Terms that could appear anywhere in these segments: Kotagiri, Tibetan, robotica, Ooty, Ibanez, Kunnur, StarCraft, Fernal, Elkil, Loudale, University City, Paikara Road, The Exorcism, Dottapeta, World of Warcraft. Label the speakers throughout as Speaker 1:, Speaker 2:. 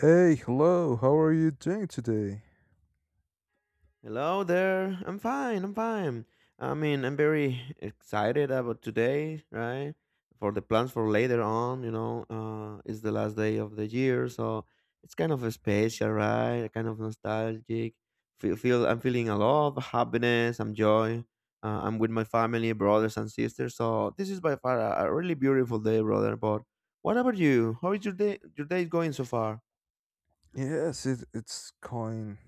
Speaker 1: Hey, hello, how are you doing today?
Speaker 2: Hello there. I'm fine. I'm fine. I mean, I'm very excited about today, right? For the plans for later on, it's the last day of the year, so it's kind of special, right? Kind of nostalgic. Feel, feel I'm feeling a lot of happiness, and joy. I'm with my family, brothers and sisters. So this is by far a really beautiful day, brother. But what about you? How is your day? Your day going so far?
Speaker 1: Yes, it's going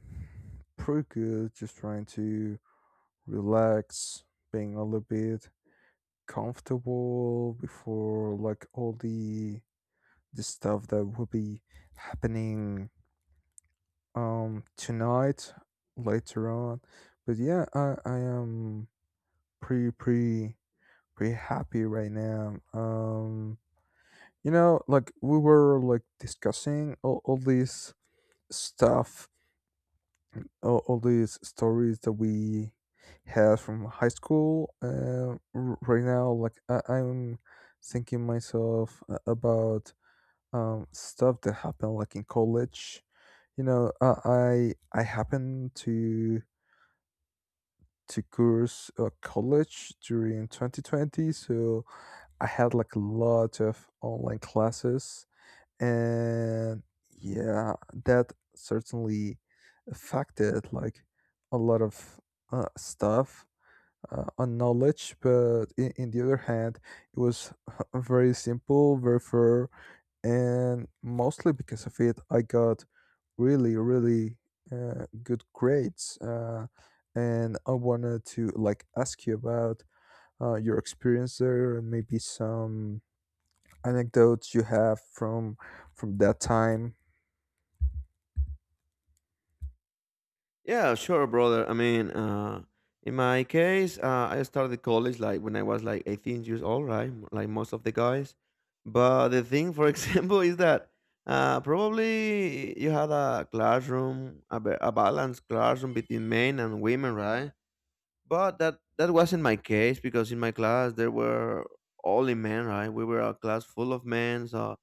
Speaker 1: pretty good, just trying to relax, being a little bit comfortable before like all the stuff that will be happening tonight later on. But yeah, I am pretty pretty pretty happy right now. You know, like we were like discussing all this stuff, all these stories that we had from high school. Right now, like I'm thinking myself about stuff that happened like in college. You know, I happened to course college during 2020, so I had like a lot of online classes, and yeah, that certainly affected like a lot of stuff on knowledge. But in the other hand, it was very simple, very fair, and mostly because of it, I got really, really good grades. And I wanted to like ask you about your experience there and maybe some anecdotes you have from that time?
Speaker 2: Yeah, sure, brother. I mean, in my case, I started college like when I was like 18 years old, right? Like most of the guys. But the thing, for example, is that probably you had a classroom, a balanced classroom between men and women, right? But that wasn't my case because in my class there were only men, right? We were a class full of men, so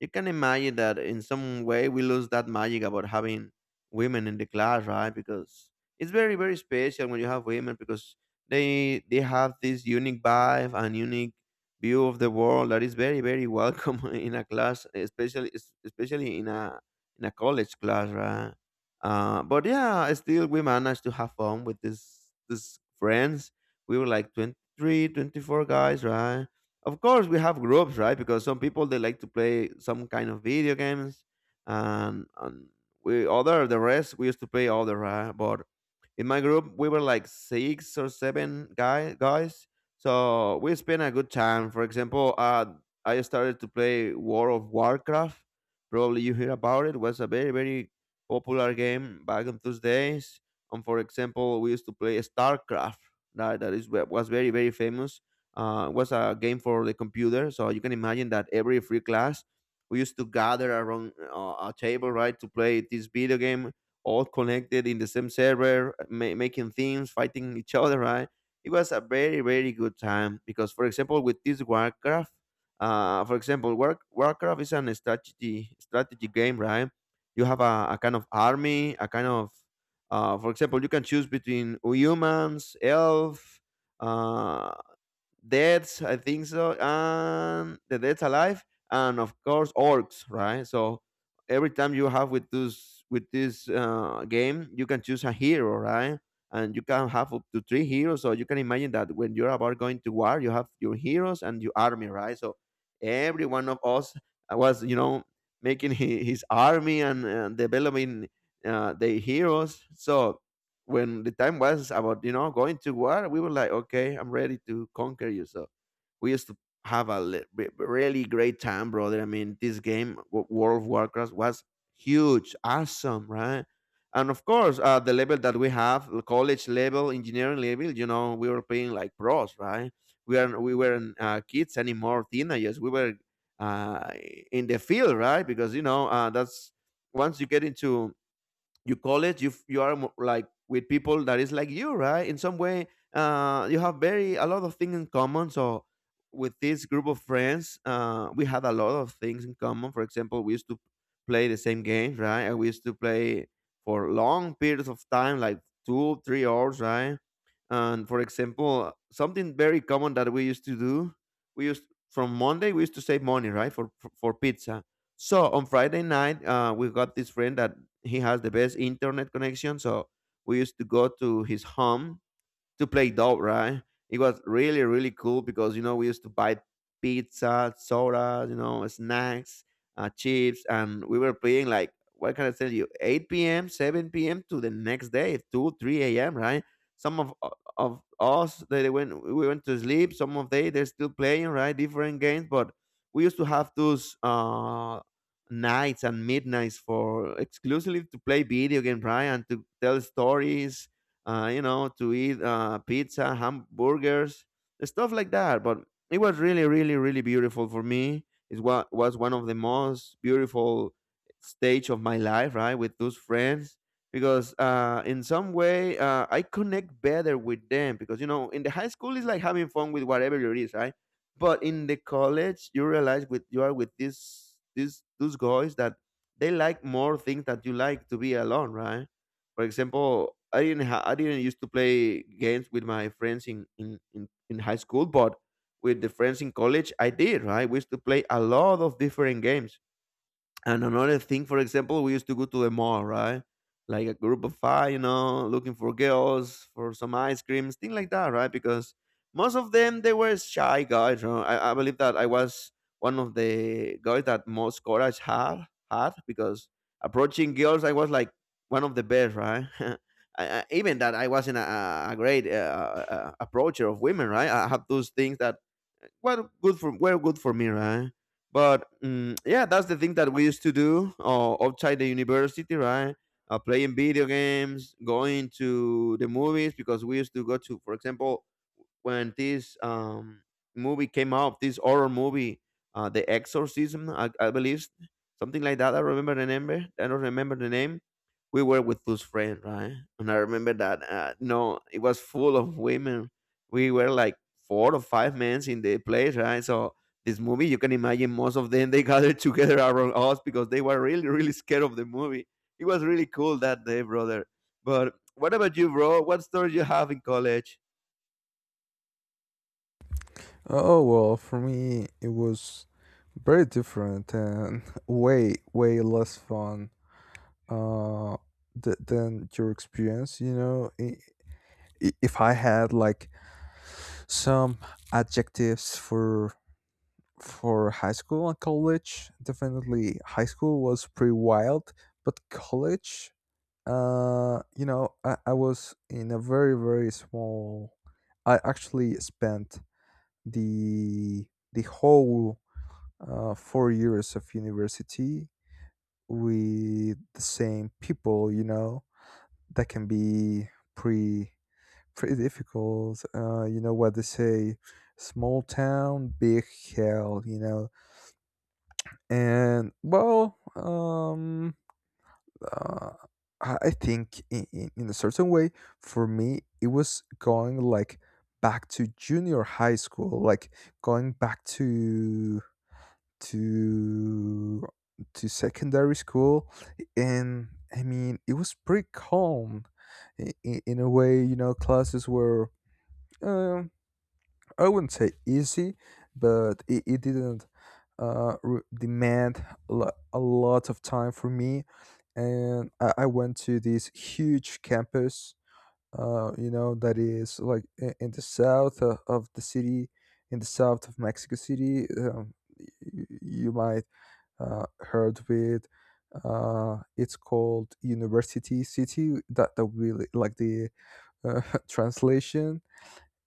Speaker 2: you can imagine that in some way we lose that magic about having women in the class, right? Because it's very special when you have women because they have this unique vibe and unique view of the world that is very welcome in a class, especially in a college class, right? But yeah, still we managed to have fun with this friends. We were like 23, 24 guys, right? Of course, we have groups, right? Because some people they like to play some kind of video games, and we other the rest we used to play other, right? But in my group we were like six or seven guys, so we spent a good time. For example, I started to play War of Warcraft. Probably you hear about it. Was a very popular game back in those days. And for example, we used to play StarCraft. That was very famous. It was a game for the computer, so you can imagine that every free class we used to gather around a table, right, to play this video game, all connected in the same server, making themes, fighting each other, right? It was a very good time because, for example, with this Warcraft, for example, Warcraft is an strategy game, right? You have a kind of army, a kind of, for example, you can choose between humans, elf, uh, Deads, I think so, and the Dead's Alive, and of course orcs, right? So every time you have with this game, you can choose a hero, right? And you can have up to three heroes. So you can imagine that when you're about going to war, you have your heroes and your army, right? So every one of us was, you know, making his army and developing the heroes. So when the time was about going to war, we were like, okay, I'm ready to conquer you. So we used to have a really great time, brother. I mean, this game world of Warcraft was huge, awesome, right? And of course, the level that we have, the college level, engineering level, we were playing like pros, right? We weren't kids anymore, teenagers. We were uh, in the field, right? Because that's once you get into you college, you are like with people that is like you, right, in some way. You have very a lot of things in common. So with this group of friends, we had a lot of things in common. For example, we used to play the same games, right? And we used to play for long periods of time, like 2 3 hours, right? And for example, something very common that we used to do: we used from Monday we used to save money, right, for for pizza. So on Friday night, we got this friend that he has the best internet connection, so we used to go to his home to play dope, right? It was really, really cool because, you know, we used to buy pizza, soda, snacks, chips, and we were playing like, what can I tell you, 8 p.m., 7 p.m. to the next day, 2, 3 a.m., right? Some of us, we went to sleep. Some of they, they're still playing, right? Different games, but we used to have those nights and midnights for exclusively to play video game, right? And to tell stories, to eat pizza, hamburgers, stuff like that. But it was really, really, really beautiful for me. Was one of the most beautiful stage of my life, right, with those friends. Because in some way, I connect better with them. Because, in the high school, it's like having fun with whatever it is, right? But in the college, you realize with you are with these those guys that they like more things that you like to be alone, right? For example, I didn't used to play games with my friends in high school, but with the friends in college, I did. Right, we used to play a lot of different games. And another thing, for example, we used to go to the mall, right? Like a group of five, looking for girls, for some ice creams, things like that, right? Because most of them they were shy guys. You know? I believe that I was one of the guys that most courage had because approaching girls, I was like one of the best, right? Even that I wasn't a great approacher of women, right? I have those things that were good for me, right? But yeah, that's the thing that we used to do outside the university, right? Playing video games, going to the movies because we used to go to, for example, when this movie came out, this horror movie, The Exorcism, I believe, something like that. I remember the name. I don't remember the name. We were with those friends, right? And I remember that. No, it was full of women. We were like four or five men in the place, right? So this movie, you can imagine most of them they gathered together around us because they were really, really scared of the movie. It was really cool that day, brother. But what about you, bro? What story you have in college?
Speaker 1: Oh well, for me it was very different and way way less fun uh than your experience. You know, if I had like some adjectives for high school and college, definitely high school was pretty wild, but college. You know, I was in a very, very small. I actually spent the whole 4 years of university with the same people. You know, that can be pretty pretty difficult. You know what they say: small town, big hell. You know, and well, uh, I think in a certain way for me it was going like back to junior high school, like going back to to secondary school, and I mean it was pretty calm in a way. You know, classes were. Uh, I wouldn't say easy, but it didn't demand a lot of time for me. And I went to this huge campus, you know, that is like in the south of the city, in the south of Mexico City. You you, might heard with. It's called University City. That really like the uh, translation,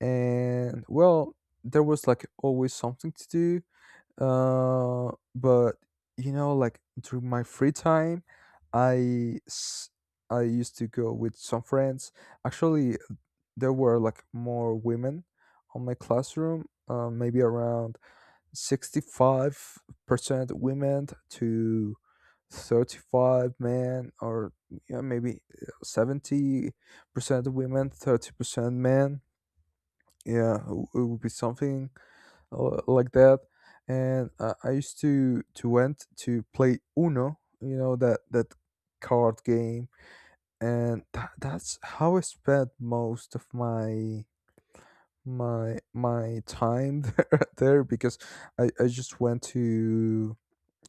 Speaker 1: and well there was like always something to do but you know, like during my free time i s- I used to go with some friends. Actually, there were like more women on my classroom, maybe around 65% women to 35 men, or yeah, maybe 70% women, 30% men. Yeah, it would be something like that. And I used to went to play Uno. You know, that card game. And that's how I spent most of my time there because I just went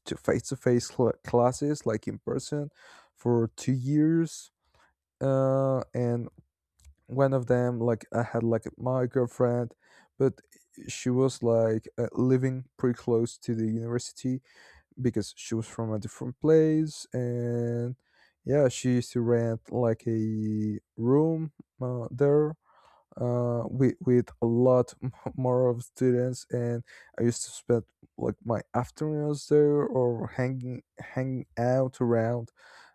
Speaker 1: to face-to-face classes like in person for 2 years. And one of them like I had like my girlfriend, but she was like living pretty close to the university because she was from a different place. And yeah, she used to rent like a room there with a lot more of students, and I used to spend like my afternoons there, or hanging out around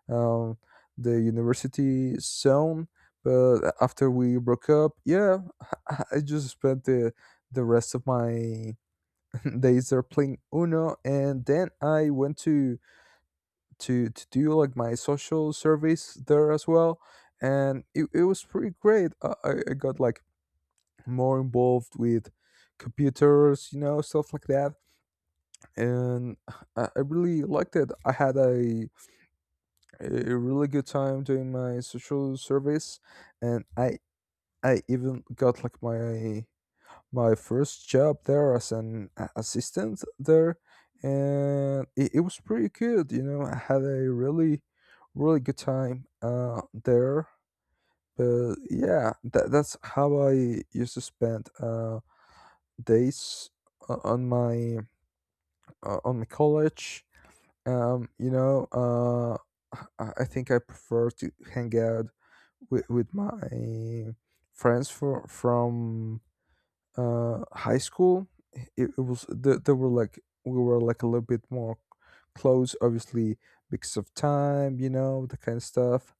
Speaker 1: um, the university zone. But after we broke up, yeah, I just spent the rest of my days there playing Uno, and then I went to do like my social service there as well, and it was pretty great. I got like more involved with computers, you know, stuff like that. And I really liked it. I had a really good time doing my social service, and I even got like my first job there as an assistant there, and it was pretty good. You know, I had a really really good time there. But yeah, that's how I used to spend days o- on my on my college. You know, I think I prefer to hang out with my friends from high school. It was there, they were like we were like a little bit more close, obviously because of time, you know, the kind of stuff.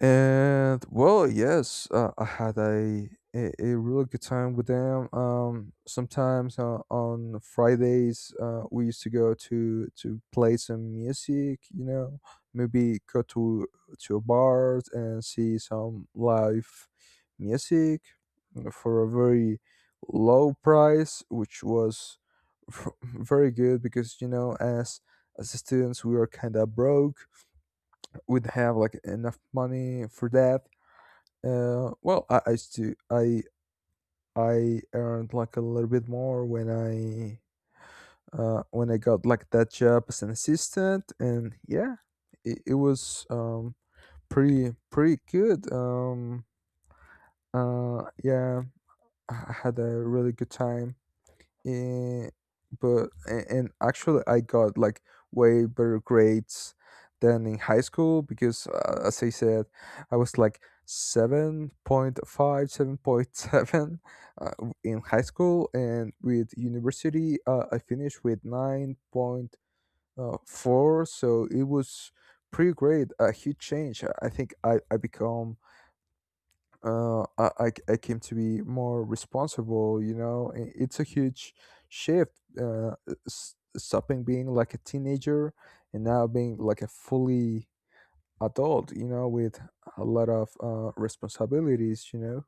Speaker 1: And well, yes, I had a really good time with them. Sometimes on Fridays, we used to go to play some music. You know, maybe go to a bar and see some live music for a very low price, which was very good because you know, as students we were kind of broke. We would have like enough money for that. I still I earned like a little bit more when I got like that job as an assistant. And yeah, it was pretty good. Yeah, I had a really good time. Eh, but and actually I got like way better grades than in high school, because as I said, I was like 7.5, seven point seven in high school, and with university I finished with 9.4. So it was pretty great, a huge change. I think I become I came to be more responsible. You know, it's a huge shift. Stopping being like a teenager, and now being like a fully adult. You know, with a lot of responsibilities. You know.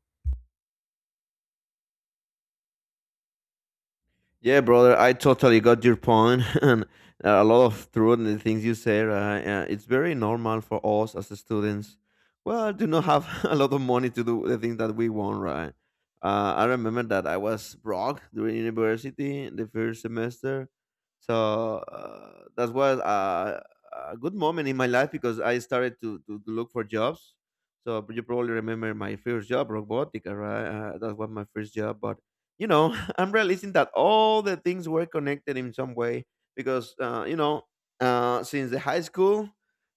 Speaker 2: Yeah, brother, I totally got your point, and a lot of truth in the things you say. It's very normal for us as students. Well, do not have a lot of money to do the things that we want, right? I remember that I was broke during university in the first semester, so that was a good moment in my life because I started to look for jobs. So you probably remember my first job, robotica, right? That was my first job, but you know, I'm realizing that all the things were connected in some way because, since the high school,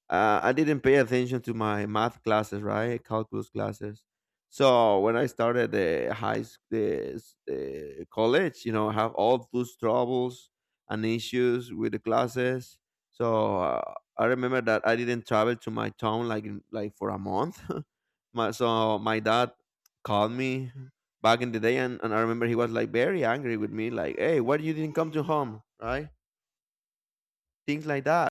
Speaker 2: I didn't pay attention to my math classes, right? Calculus classes. So when I started the high s- the college, have all those troubles and issues with the classes. So I remember that I didn't travel to my town like for a month. So my dad called me back in the day, and I remember he was like very angry with me, like, hey, why you didn't come to home, right? Things like that.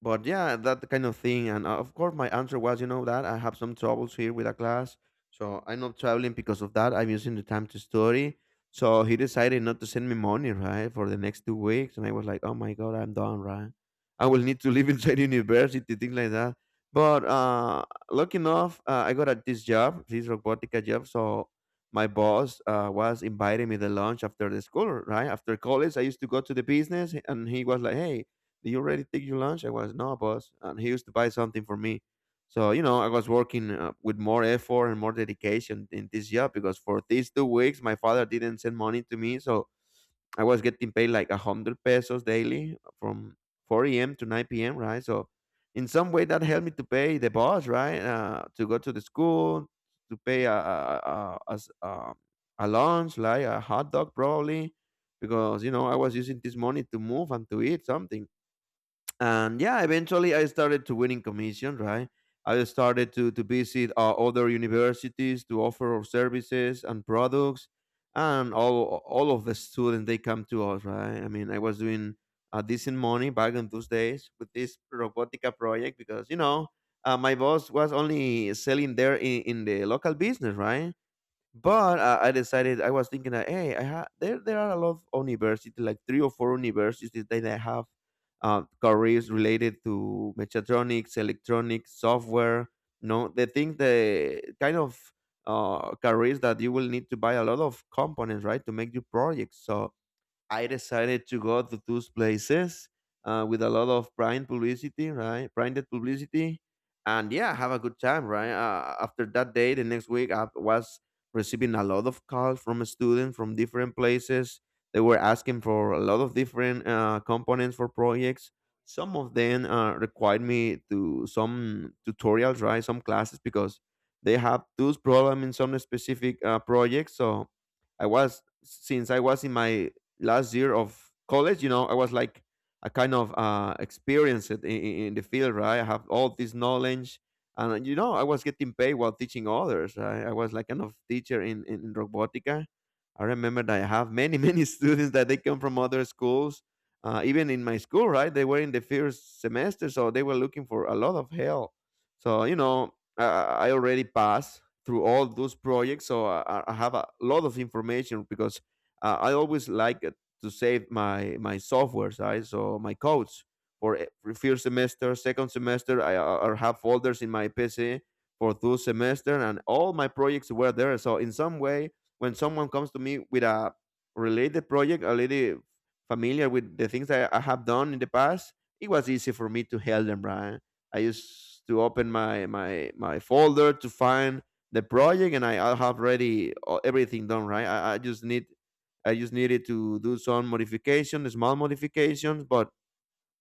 Speaker 2: But yeah, that kind of thing. And of course, my answer was, that I have some troubles here with a class, so I'm not traveling because of that. I'm using the time to study. So he decided not to send me money, right, for the next 2 weeks. And I was like, oh my god, I'm done, right? I will need to live inside university, things like that. But lucky enough, I got at this job, this robotica job. So my boss was inviting me the lunch after the school, right? After college, I used to go to the business, and he was like, hey, did you already take your lunch? I was, no, boss. And he used to buy something for me. So, I was working with more effort and more dedication in this job because for these 2 weeks, my father didn't send money to me. So I was getting paid like a 100 pesos daily from 4 a.m. to 9 p.m., right? So in some way that helped me to pay the boss, right? To go to the school, to pay a lunch, like a hot dog probably, because, you know, I was using this money to move and to eat something. And yeah, eventually I started to winning commission, right? I started to visit, other universities to offer our services and products, and all of the students they come to us, right? I mean, I was doing decent money back in those days with this robotica project because, you know, my boss was only selling there in the local business, right? But I decided, I was thinking that, hey, I ha- there are a lot of universities, like three or four universities that I have careers related to mechatronics, electronics, software. No, the thing, the kind of careers that you will need to buy a lot of components, right, to make your projects. So I decided to go to those places with a lot of brand publicity, right? Branded publicity, and yeah, have a good time, right? After that day, the next week, I was receiving a lot of calls from students from different places. They were asking for a lot of different components for projects. Some of them required me to some tutorials, right? Some classes because they have those problem in some specific projects. So I was, since I was in my last year of college, you know, I was like a kind of experienced it in the field, right? I have all this knowledge, and you know, I was getting paid while teaching others. Right? I was like kind of teacher in, in robotica. I remember that I have many many students that they come from other schools. Even in my school, right? They were in the first semester, so they were looking for a lot of help. So you know, I already passed through all those projects, so I have a lot of information because I always like it to save my my softwares, right? So my codes for first semester, second semester, I or have folders in my PC for those semester, and all my projects were there. So in some way, when someone comes to me with a related project, already familiar with the things that I have done in the past, it was easy for me to help them, right? I used to open my my folder to find the project, and I have already everything done, right? I just needed to do some modifications, small modifications, but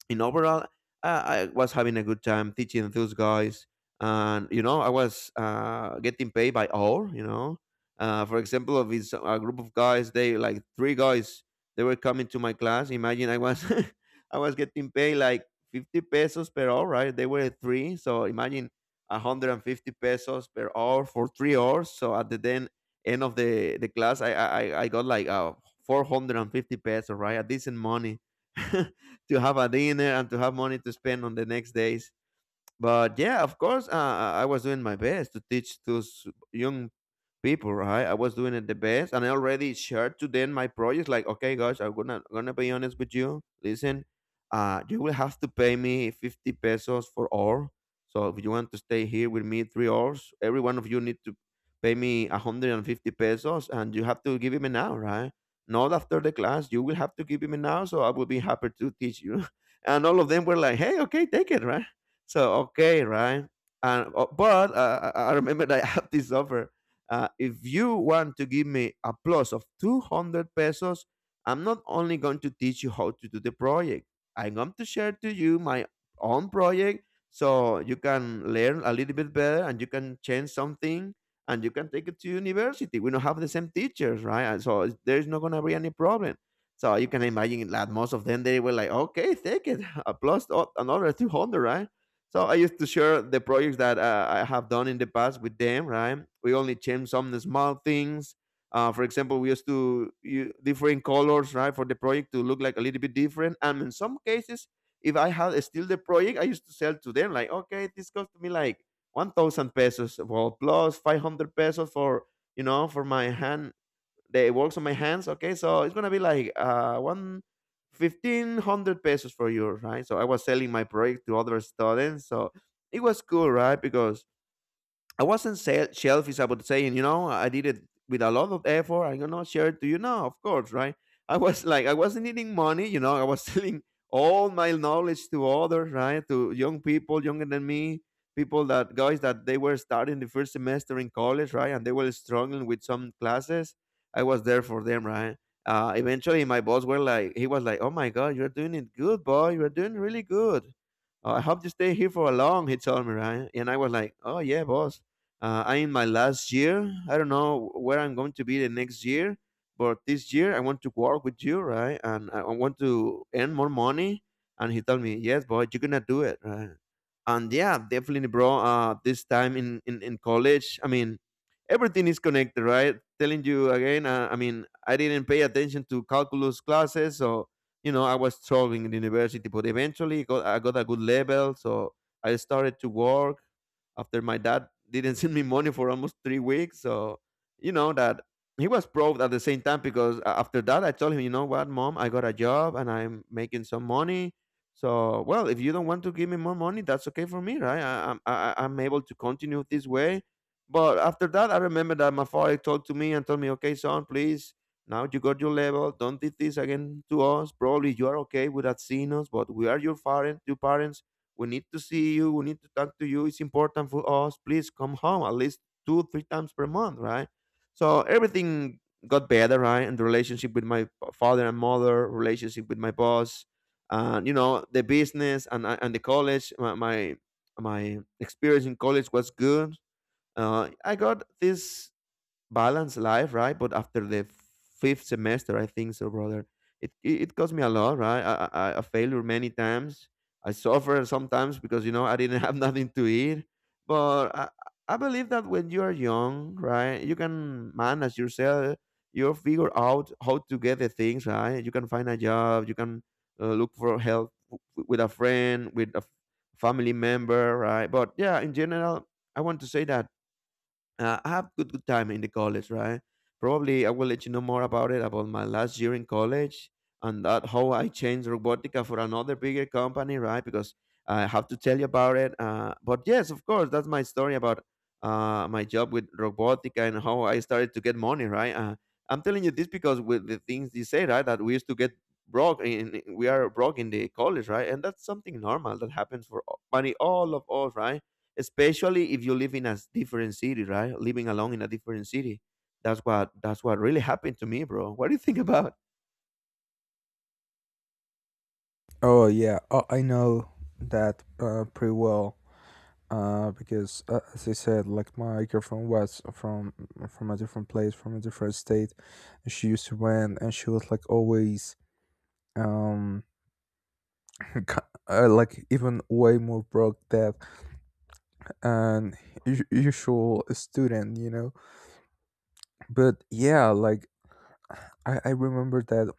Speaker 2: in overall, I was having a good time teaching those guys, and you know, I was getting paid by hour. You know, for example, of this a group of guys, they like three guys, they were coming to my class. Imagine I was, I was getting paid like 50 pesos per hour. Right, they were three, so imagine 150 pesos per hour for 3 hours. So at the then end of the class, I got like 450 pesos. Right, a decent money. To have a dinner and to have money to spend on the next days. But yeah, of course, I was doing my best to teach those young people, right? I was doing it the best, and I already shared to them my projects. Like, okay, guys, I'm gonna be honest with you. Listen, you will have to pay me 50 pesos for hour. So if you want to stay here with me 3 hours, every one of you need to pay me 150 pesos, and you have to give him an hour, right? Not after the class, you will have to give him an hour. So I will be happy to teach you. And all of them were like, hey, okay, take it, right? So okay, right? And but I remember that I had this offer, if you want to give me a plus of 200 pesos, I'm not only going to teach you how to do the project, I'm going to share to you my own project so you can learn a little bit better and you can change something and you can take it to university. We don't have the same teachers, right? And so there's not going to be any problem. So you can imagine that most of them, they were like, okay, take it, a plus another 200, right? So I used to share the projects that I have done in the past with them, right? We only change some small things. For example, we used different colors, right, for the project to look like a little bit different. And in some cases, if I had still the project, I used to sell to them like, okay, this cost me like 1,000 pesos, well, plus 500 pesos for, you know, for my hand, the works on my hands. Okay, so it's gonna be like one fifteen hundred pesos for you, right? So I was selling my project to other students, so it was cool, right? Because I wasn't selfish about saying, you know, I did it with a lot of effort. I'm gonna share it to you. No, of course, right? I was like, I wasn't needing money, you know. I was selling all my knowledge to others, right? To young people, younger than me, people that guys that they were starting the first semester in college, right? And they were struggling with some classes. I was there for them, right? Eventually, my boss were like, he was like, "Oh my God, you're doing it good, boy. You're doing really good. I hope you stay here for a long." He told me, right? And I was like, "Oh yeah, boss. I'm in my last year. I don't know where I'm going to be the next year, but this year I want to work with you," right? And I want to earn more money. And he told me, yes, boy, you're gonna do it, right? And yeah, definitely, bro. This time in college, I mean, everything is connected, right? Telling you again, I mean, I didn't pay attention to calculus classes, so you know I was struggling in university. But eventually, I got a good level, so I started to work after my dad didn't send me money for almost 3 weeks. So you know that he was proud at the same time because after that I told him, you know what, mom, I got a job and I'm making some money. So well, if you don't want to give me more money, that's okay for me, right? I- I'm able to continue this way. But after that, I remember that my father talked to me and told me, okay, son, please. Now you got your level. Don't do this again to us. Probably you are okay with us, but we are your parents. Your parents, we need to see you. We need to talk to you. It's important for us. Please come home at least two, three times per month, right? So everything got better, right? And the relationship with my father and mother, relationship with my boss, and you know the business and the college. My experience in college was good. I got this balance life, right? But after the fifth semester, I think so, brother. It cost me a lot, right? I failure many times. I suffer sometimes because you know I didn't have nothing to eat. But I believe that when you are young, right, you can manage yourself. You figure out how to get the things right. You can find a job. You can look for help with a friend, with a family member, right? But yeah, in general, I want to say that I have good time in the college, right? Probably I will let you know more about it, about my last year in college and that how I changed robotica for another bigger company, right? Because I have to tell you about it. But yes, of course, that's my story about my job with robotica and how I started to get money, right? I'm telling you this because with the things you say, right, that we used to get broke in we are broke in the college, right? And that's something normal that happens for money, all of us, right? Especially if you live in a different city, right? Living alone in a different city. That's what really happened to me, bro. What do you think about?
Speaker 1: Oh yeah, I know that pretty well. Because as I said, like my girlfriend was from a different place, from a different state, and she used to rent. And she was like always, um like even way more broke debt, and usual student, you know. But yeah, like I remember that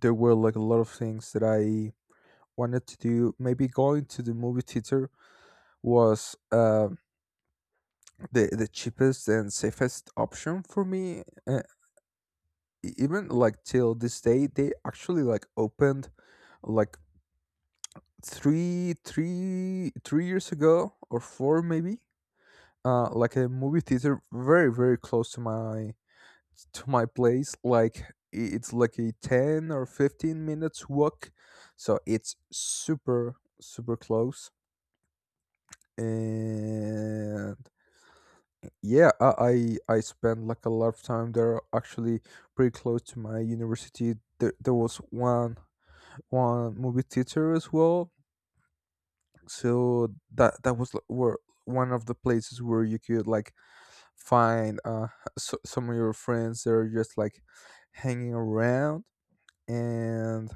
Speaker 1: there were like a lot of things that I wanted to do. Maybe going to the movie theater was the cheapest and safest option for me. Even like till this day, they actually like opened like three years ago, or four maybe. Like a movie theater very very close to my place. Like it's like a 10 or 15 minutes walk, so it's super super close. And yeah, I spent like a lot of time there. Actually, pretty close to my university, there was one movie theater as well. So that was like where one of the places where you could like find some of your friends that are just like hanging around. and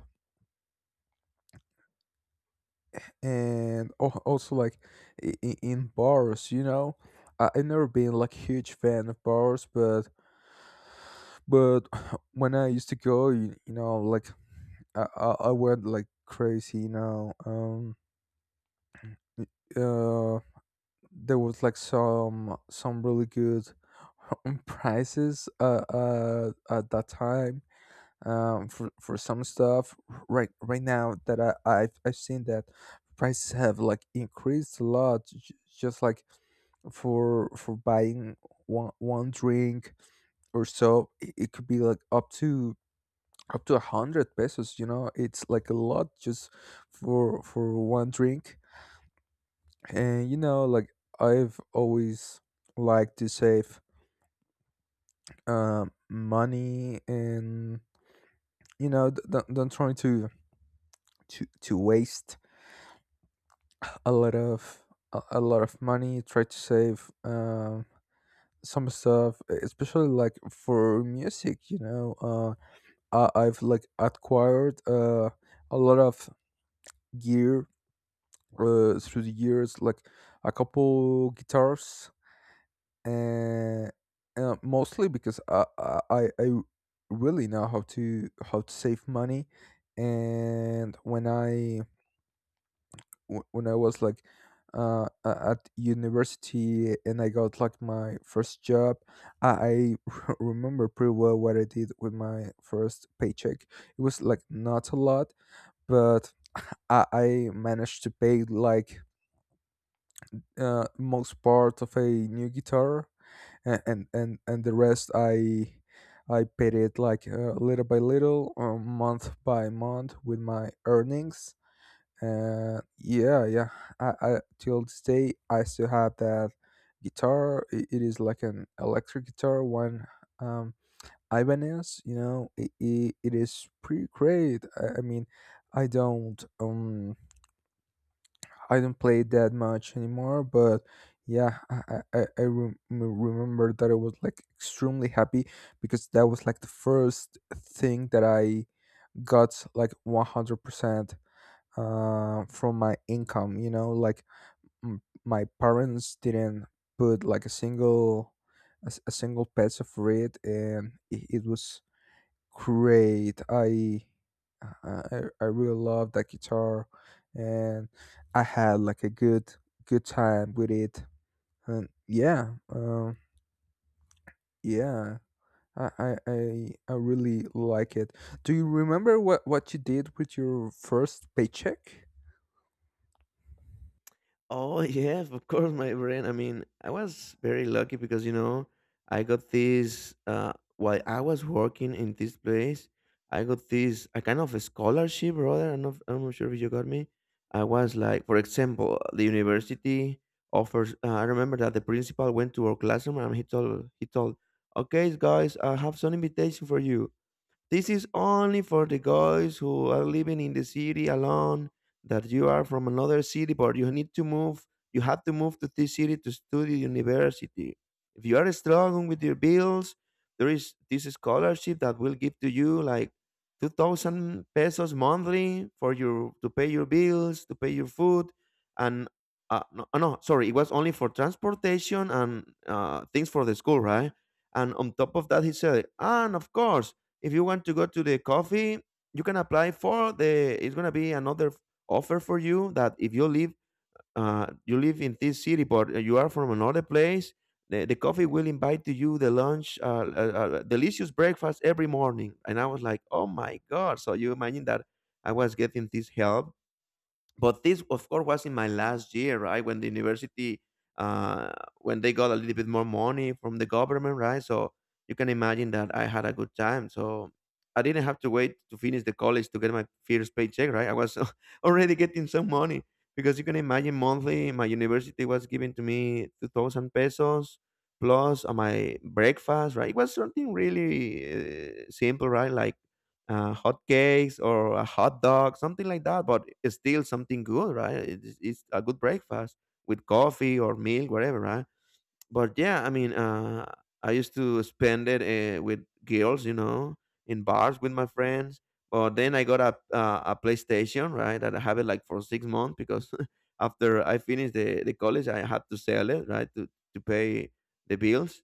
Speaker 1: and al- also like in bars, you know. I've never been like huge fan of bars, but but when I used to go, you know, like I went like crazy, you know. Y- uh there was like some really good prices at that time, for some stuff. Right now that I've seen that prices have like increased a lot, just like for buying one drink or so. It could be like up to 100 pesos, you know. It's like a lot just for one drink. And you know, like I've always liked to save money. And you know, don't try to waste a lot of a lot of money. Try to save some stuff, especially like for music. You know, I've like acquired a lot of gear through the years, like a couple guitars, uh, mostly because I really know how to save money. And when I was like at university and I got like my first job, I remember pretty well what I did with my first paycheck. It was like not a lot, but I managed to pay like most part of a new guitar, and and, the rest I paid it like little by little, month by month with my earnings. And yeah, yeah, I till this day I still have that guitar. It is like an electric guitar, one um, Ibanez. You know, it is pretty great. I mean, I don't play it that much anymore. But yeah, remember that I was like extremely happy, because that was like the first thing that I got like 100% from my income. You know, like my parents didn't put like a single peso for it, and it was great. I really love that guitar, and I had like a good time with it. And yeah, yeah, I really like it. Do you remember what you did with your first paycheck?
Speaker 2: Oh, yes, of course, my friend. I mean, I was very lucky because, you know, I got this while I was working in this place. I got this, a kind of a scholarship, brother. I'm not sure if you got me. I was like, for example, the university offers. I remember that the principal went to our classroom and he told, okay guys, I have some invitation for you. This is only for the guys who are living in the city alone, that you are from another city, but you need to move. You have to move to this city to study university. If you are struggling with your bills, there is this scholarship that will give to you like 2000 pesos monthly for your to pay your bills, to pay your food, and no, sorry, it was only for transportation and things for the school, right? And on top of that, he said, and of course, if you want to go to the coffee, you can apply for the, it's going to be another offer for you, that if you live you live in this city but you are from another place, the coffee will invite to you the lunch, delicious breakfast every morning. And I was like, oh my god. So you imagine that I was getting this help, but this of course was in my last year, right, when the university uh when they got a little bit more money from the government, right? So you can imagine that I had a good time. So I didn't have to wait to finish the college to get my first paycheck, right? I was already getting some money, because you can imagine monthly my university was giving to me 2000 pesos, plus on my breakfast, right? It was something really simple, right, like hot cakes or a hot dog, something like that. But it's still something good, right? It's a good breakfast with coffee or milk, whatever, right? But yeah, I mean, I used to spend it with girls, you know, in bars with my friends. But then I got a PlayStation, right? That I have it like for 6 months because after I finished the college, I had to sell it, right, to pay the bills.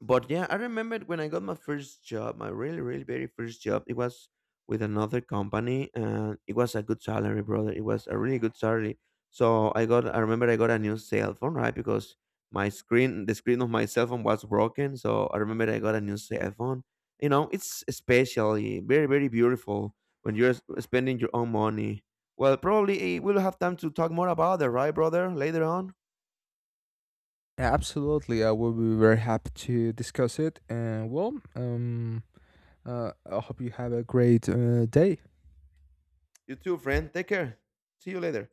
Speaker 2: But yeah, I remember when I got my first job, my really, really very first job, it was with another company and it was a good salary, brother. It was a really good salary. So I remember I got a new cell phone, right? Because my screen the screen of my cell phone was broken. So I remember I got a new cell phone. You know, it's especially very, very beautiful when you're spending your own money. Well, probably, eh, we'll have time to talk more about it, right, brother? Later on.
Speaker 1: Absolutely, I will be very happy to discuss it. And well, I hope you have a great day.
Speaker 2: You too, friend. Take care. See you later.